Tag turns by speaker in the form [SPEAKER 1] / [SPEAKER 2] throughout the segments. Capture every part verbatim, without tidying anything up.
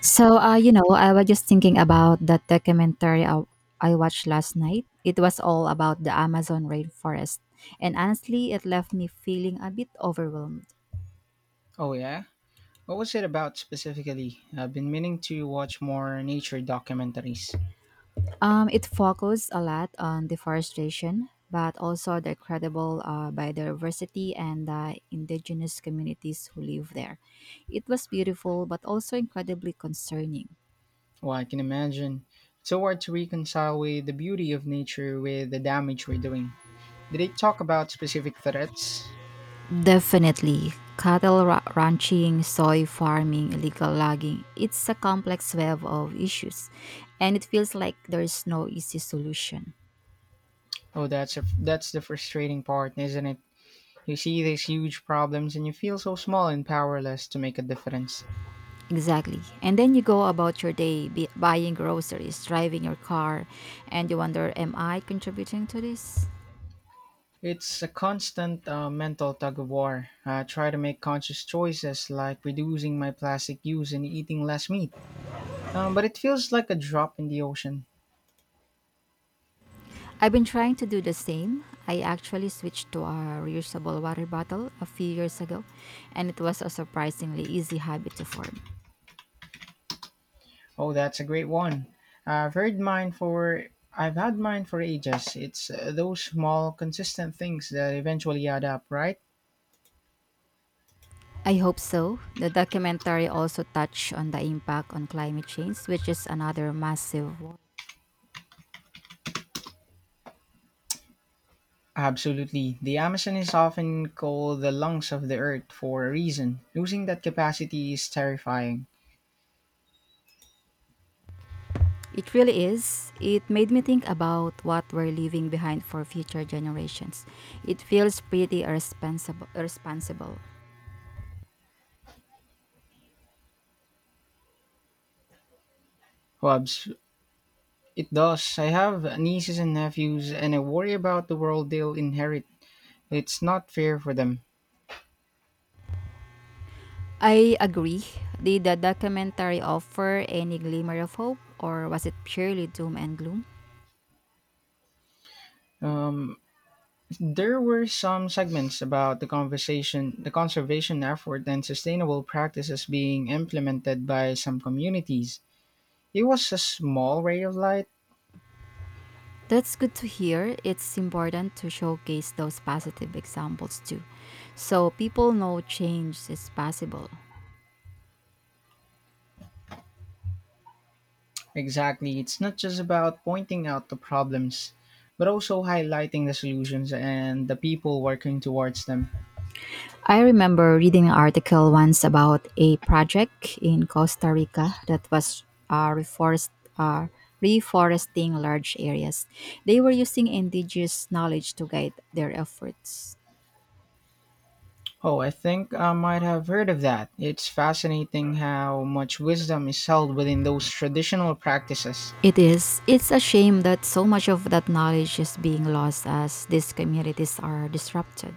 [SPEAKER 1] So, uh, you know, I was just thinking about that documentary I, I watched last night. It was all about the Amazon rainforest, and honestly, it left me feeling a bit overwhelmed.
[SPEAKER 2] Oh yeah? What was it about specifically? I've been meaning to watch more nature documentaries.
[SPEAKER 1] Um, it focused a lot on deforestation, but also the incredible uh, biodiversity and the indigenous communities who live there. It was beautiful, but also incredibly concerning.
[SPEAKER 2] Well, I can imagine. It's so hard to reconcile with the beauty of nature with the damage we're doing. Did they talk about specific threats?
[SPEAKER 1] Definitely. Cattle ra- ranching, soy farming, illegal logging. It's a complex web of issues, and it feels like there's no easy solution.
[SPEAKER 2] Oh, that's a, that's the frustrating part, isn't it? You see these huge problems and you feel so small and powerless to make a difference.
[SPEAKER 1] Exactly. And then you go about your day be- buying groceries, driving your car, and you wonder, am I contributing to this?
[SPEAKER 2] It's a constant uh, mental tug of war. I try to make conscious choices like reducing my plastic use and eating less meat. Um, but it feels like a drop in the ocean.
[SPEAKER 1] I've been trying to do the same. I actually switched to a reusable water bottle a few years ago, and it was a surprisingly easy habit to form.
[SPEAKER 2] Oh, that's a great one. I've heard mine for I've had mine for ages. It's uh, those small consistent things that eventually add up, right?
[SPEAKER 1] I hope so. The documentary also touched on the impact on climate change, which is another massive one.
[SPEAKER 2] Absolutely. The Amazon is often called the lungs of the earth for a reason. Losing that capacity is terrifying.
[SPEAKER 1] It really is. It made me think about what we're leaving behind for future generations. It feels pretty irresponsible. irresponsible.
[SPEAKER 2] Well, abs- it does. I have nieces and nephews, and I worry about the world they'll inherit. It's not fair for them.
[SPEAKER 1] I agree. Did the documentary offer any glimmer of hope, or was it purely doom and gloom?
[SPEAKER 2] Um, There were some segments about the conversation, the conservation effort and sustainable practices being implemented by some communities. It was a small ray of light.
[SPEAKER 1] That's good to hear. It's important to showcase those positive examples too, so people know change is possible.
[SPEAKER 2] Exactly, it's not just about pointing out the problems, but also highlighting the solutions and the people working towards them.
[SPEAKER 1] I remember reading an article once about a project in Costa Rica that was uh, reforest, uh, reforesting large areas. They were using indigenous knowledge to guide their efforts.
[SPEAKER 2] Oh, I think I might have heard of that. It's fascinating how much wisdom is held within those traditional practices.
[SPEAKER 1] It is. It's a shame that so much of that knowledge is being lost as these communities are disrupted.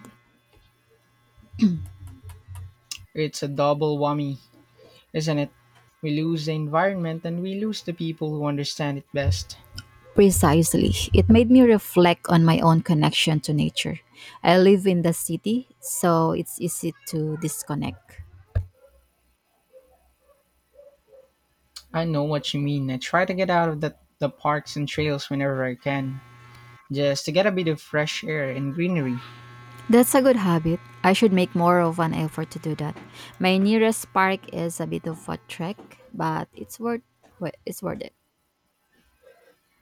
[SPEAKER 2] It's a double whammy, isn't it? We lose the environment and we lose the people who understand it best.
[SPEAKER 1] Precisely. It made me reflect on my own connection to nature. I live in the city, so it's easy to disconnect.
[SPEAKER 2] I know what you mean. I try to get out of the, the parks and trails whenever I can, just to get a bit of fresh air and greenery.
[SPEAKER 1] That's a good habit. I should make more of an effort to do that. My nearest park is a bit of a trek, but it's worth well, it's worth it.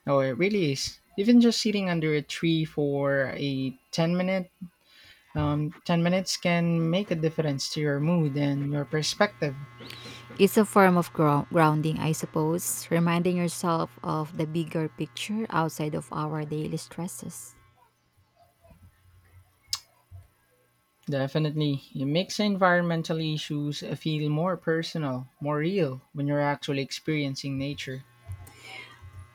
[SPEAKER 2] Oh, it really is. Even just sitting under a tree for a 10 minute um, ten minutes can make a difference to your mood and your perspective.
[SPEAKER 1] It's a form of grou- grounding, I suppose, reminding yourself of the bigger picture outside of our daily stresses.
[SPEAKER 2] Definitely. It makes environmental issues feel more personal, more real when you're actually experiencing nature.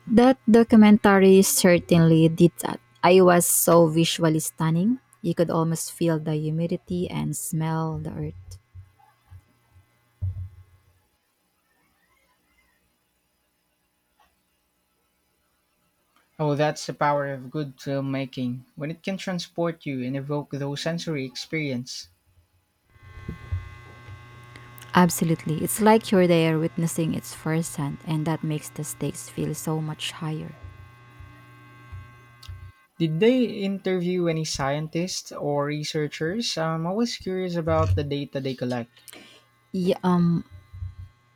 [SPEAKER 1] That documentary certainly did that. I was so visually stunning. You could almost feel the humidity and smell the earth.
[SPEAKER 2] Oh, that's the power of good filmmaking, when it can transport you and evoke those sensory experience.
[SPEAKER 1] Absolutely. It's like you're there witnessing its firsthand, and that makes the stakes feel so much higher.
[SPEAKER 2] Did they interview any scientists or researchers? I'm always curious about the data they collect.
[SPEAKER 1] Y- um,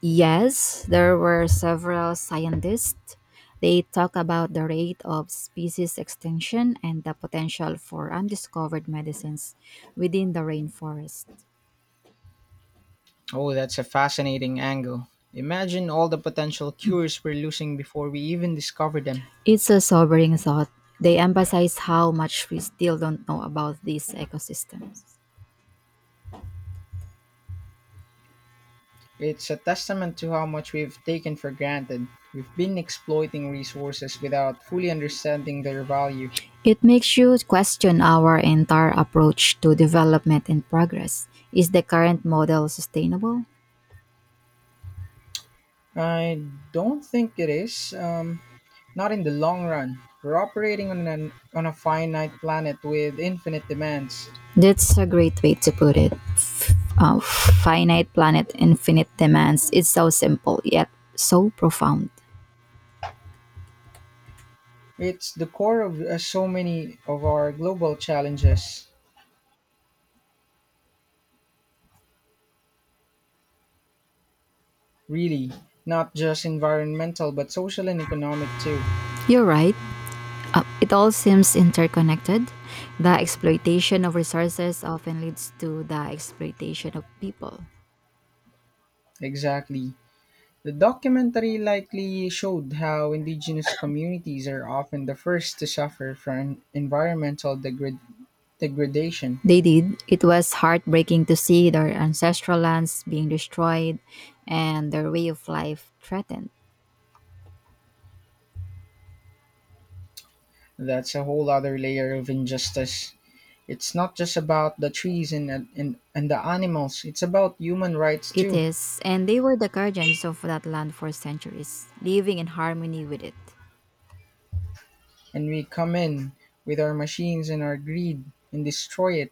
[SPEAKER 1] yes, there were several scientists. They talk about the rate of species extinction and the potential for undiscovered medicines within the rainforest.
[SPEAKER 2] Oh, that's a fascinating angle. Imagine all the potential cures we're losing before we even discover them.
[SPEAKER 1] It's a sobering thought. They emphasize how much we still don't know about these ecosystems.
[SPEAKER 2] It's a testament to how much we've taken for granted. We've been exploiting resources without fully understanding their value.
[SPEAKER 1] It makes you question our entire approach to development and progress. Is the current model sustainable?
[SPEAKER 2] I don't think it is. Um, Not in the long run. We're operating on, an, on a finite planet with infinite demands.
[SPEAKER 1] That's a great way to put it. F- uh, finite planet, infinite demands. It's so simple, yet so profound.
[SPEAKER 2] It's the core of uh, so many of our global challenges, really. Not just environmental, but social and economic too.
[SPEAKER 1] You're right. Uh, it all seems interconnected. The exploitation of resources often leads to the exploitation of people.
[SPEAKER 2] Exactly. The documentary likely showed how indigenous communities are often the first to suffer from environmental degrad- degradation.
[SPEAKER 1] They did. It was heartbreaking to see their ancestral lands being destroyed and their way of life threatened.
[SPEAKER 2] That's a whole other layer of injustice. It's not just about the trees and, and, and the animals, it's about human rights
[SPEAKER 1] It
[SPEAKER 2] too.
[SPEAKER 1] is, and they were the guardians of that land for centuries, living in harmony with it.
[SPEAKER 2] And we come in with our machines and our greed and destroy it.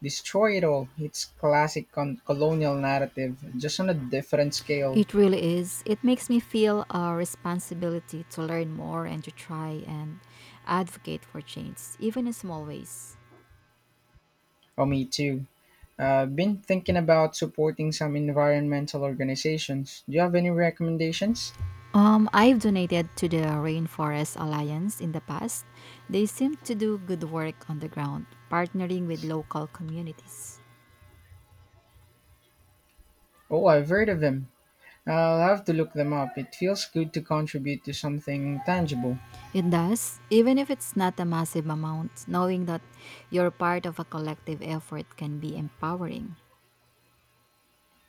[SPEAKER 2] Destroy it all. It's classic con- colonial narrative, just on a different scale.
[SPEAKER 1] It really is. It makes me feel a responsibility to learn more and to try and advocate for change, even in small ways.
[SPEAKER 2] Oh, me too. Uh, been thinking about supporting some environmental organizations. Do you have any recommendations?
[SPEAKER 1] Um, I've donated to the Rainforest Alliance in the past. They seem to do good work on the ground, partnering with local communities.
[SPEAKER 2] Oh, I've heard of them. I'll have to look them up. It feels good to contribute to something tangible.
[SPEAKER 1] It does, even if it's not a massive amount, knowing that you're part of a collective effort can be empowering.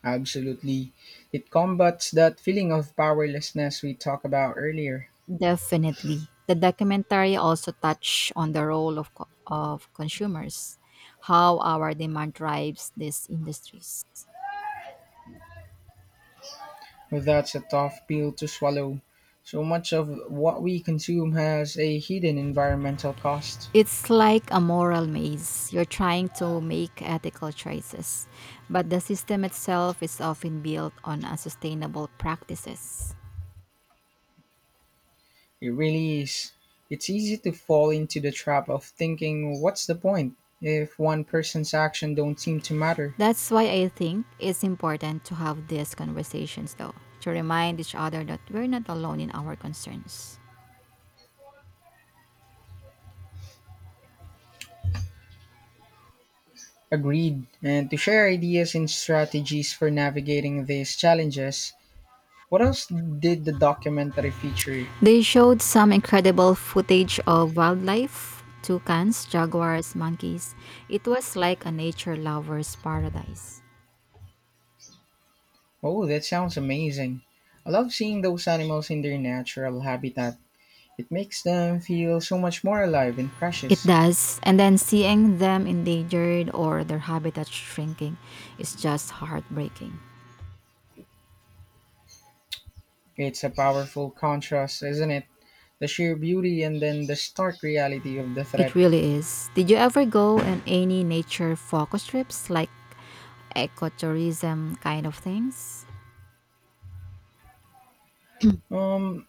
[SPEAKER 2] Absolutely. It combats that feeling of powerlessness we talked about earlier.
[SPEAKER 1] Definitely. The documentary also touched on the role of, co- of consumers, how our demand drives these industries.
[SPEAKER 2] That's a tough pill to swallow. So much of what we consume has a hidden environmental cost.
[SPEAKER 1] It's like a moral maze. You're trying to make ethical choices, but the system itself is often built on unsustainable practices.
[SPEAKER 2] It really is. It's easy to fall into the trap of thinking, what's the point if one person's action don't seem to matter?
[SPEAKER 1] That's why I think it's important to have these conversations, though, to remind each other that we're not alone in our concerns.
[SPEAKER 2] Agreed. And to share ideas and strategies for navigating these challenges, what else did the documentary feature?
[SPEAKER 1] They showed some incredible footage of wildlife toucans, jaguars, monkeys. It was like a nature lover's paradise.
[SPEAKER 2] Oh, that sounds amazing. I love seeing those animals in their natural habitat. It makes them feel so much more alive and
[SPEAKER 1] It
[SPEAKER 2] precious.
[SPEAKER 1] does. And then seeing them endangered or their habitat shrinking is just heartbreaking.
[SPEAKER 2] It's a powerful contrast, isn't it? The sheer beauty and then the stark reality of the
[SPEAKER 1] It
[SPEAKER 2] threat.
[SPEAKER 1] really is. Did you ever go on any nature focus trips like ecotourism kind of things?
[SPEAKER 2] Um,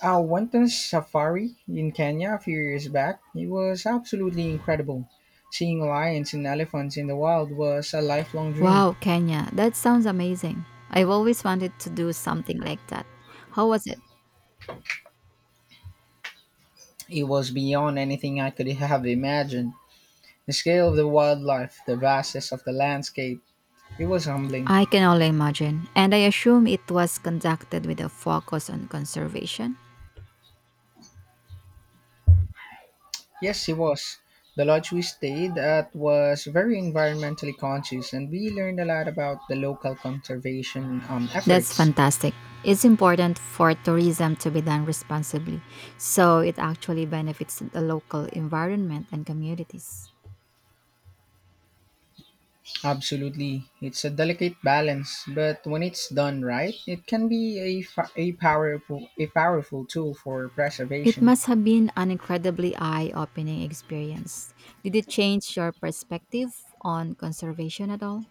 [SPEAKER 2] I went on a safari in Kenya a few years back. It was absolutely incredible. Seeing lions and elephants in the wild was a lifelong dream.
[SPEAKER 1] Wow, Kenya, that sounds amazing. I've always wanted to do something like that. How was it?
[SPEAKER 2] It was beyond anything I could have imagined. The scale of the wildlife, the vastness of the landscape, it was humbling.
[SPEAKER 1] I can only imagine. And I assume it was conducted with a focus on conservation.
[SPEAKER 2] Yes, it was. The lodge we stayed at was very environmentally conscious, and we learned a lot about the local conservation um,
[SPEAKER 1] That's
[SPEAKER 2] efforts.
[SPEAKER 1] fantastic. It's important for tourism to be done responsibly, so it actually benefits the local environment and communities.
[SPEAKER 2] Absolutely. It's a delicate balance, but when it's done right, it can be a, fa- a powerful a powerful tool for
[SPEAKER 1] It
[SPEAKER 2] preservation.
[SPEAKER 1] must have been an incredibly eye opening experience. Did it change your perspective on conservation at all?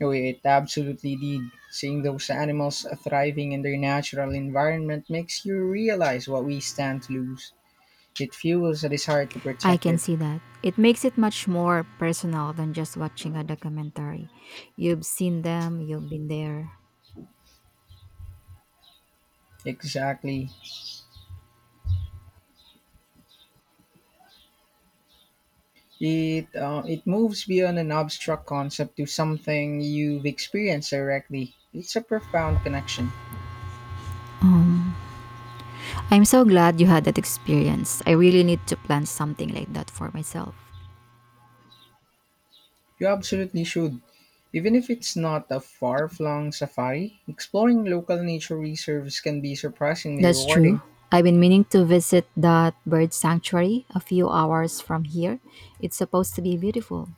[SPEAKER 2] Oh, it absolutely did. Seeing those animals thriving in their natural environment makes you realize what we stand to lose. It fuels a desire to
[SPEAKER 1] I
[SPEAKER 2] protect
[SPEAKER 1] can
[SPEAKER 2] it.
[SPEAKER 1] see that. It makes it much more personal than just watching a documentary. You've seen them, you've been there.
[SPEAKER 2] Exactly. It uh, it moves beyond an abstract concept to something you've experienced directly. It's a profound connection.
[SPEAKER 1] Um, I'm so glad you had that experience. I really need to plan something like that for myself.
[SPEAKER 2] You absolutely should. Even if it's not a far flung safari, exploring local nature reserves can be surprisingly
[SPEAKER 1] That's true.
[SPEAKER 2] rewarding.
[SPEAKER 1] I've been meaning to visit that bird sanctuary a few hours from here. It's supposed to be beautiful.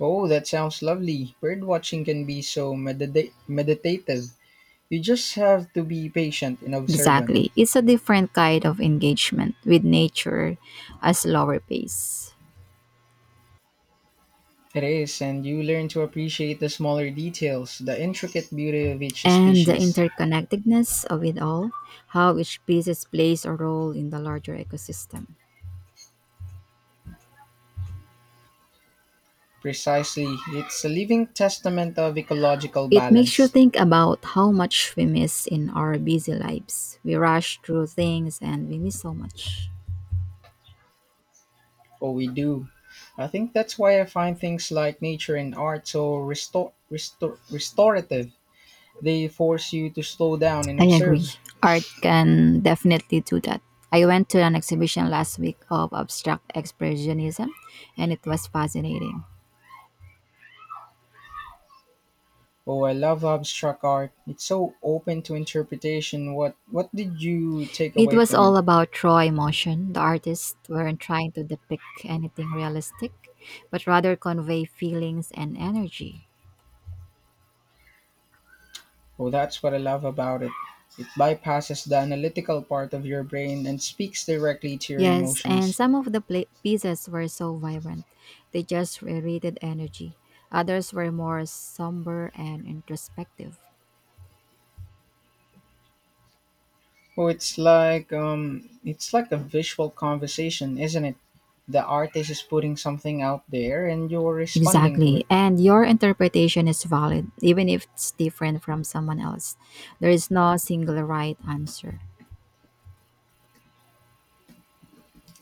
[SPEAKER 2] Oh, that sounds lovely. Bird watching can be so medita- meditative. You just have to be patient and observant.
[SPEAKER 1] Exactly. It's a different kind of engagement with nature a slower pace.
[SPEAKER 2] It is, and you learn to appreciate the smaller details, the intricate beauty of each
[SPEAKER 1] And the
[SPEAKER 2] species.
[SPEAKER 1] interconnectedness of it all, how each piece plays a role in the larger ecosystem.
[SPEAKER 2] Precisely. It's a living testament of ecological
[SPEAKER 1] It makes you
[SPEAKER 2] balance.
[SPEAKER 1] think about how much we miss in our busy lives. We rush through things and we miss so much.
[SPEAKER 2] Oh, we do. I think that's why I find things like nature and art so restor- restor- restorative. They force you to slow down and
[SPEAKER 1] I agree.
[SPEAKER 2] observe.
[SPEAKER 1] Art can definitely do that. I went to an exhibition last week of abstract expressionism and it was fascinating.
[SPEAKER 2] Oh, I love abstract art. It's so open to interpretation. What what did you take
[SPEAKER 1] It
[SPEAKER 2] away
[SPEAKER 1] was
[SPEAKER 2] from it?
[SPEAKER 1] all about raw emotion. The artists weren't trying to depict anything realistic, but rather convey feelings and energy.
[SPEAKER 2] Oh, that's what I love about it. It bypasses the analytical part of your brain and speaks directly to your
[SPEAKER 1] Yes, and
[SPEAKER 2] emotions.
[SPEAKER 1] some of the pla pieces were so vibrant. They just radiated energy. Others were more somber and introspective.
[SPEAKER 2] Oh, it's like um, it's like a visual conversation, isn't it? The artist is putting something out there, and you're responding to
[SPEAKER 1] Exactly.
[SPEAKER 2] it.
[SPEAKER 1] And your interpretation is valid, even if it's different from someone else. There is no single right answer.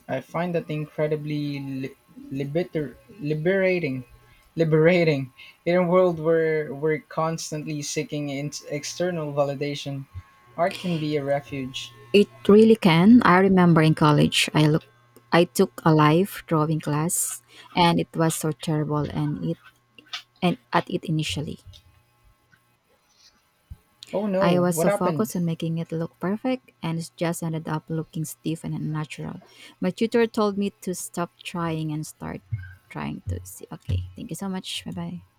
[SPEAKER 2] I find that incredibly li- libiter- liberating, liberating in a world where we're constantly seeking in- external validation. Art can be a refuge.
[SPEAKER 1] It really can. I remember in college, I look, I took a life drawing class, and it was so terrible. And it and at it initially,
[SPEAKER 2] Oh
[SPEAKER 1] I
[SPEAKER 2] no,
[SPEAKER 1] was
[SPEAKER 2] what
[SPEAKER 1] so
[SPEAKER 2] happened?
[SPEAKER 1] focused on making it look perfect, and it just ended up looking stiff and unnatural. My tutor told me to stop trying and start trying to see. Okay, thank you so much. Bye bye.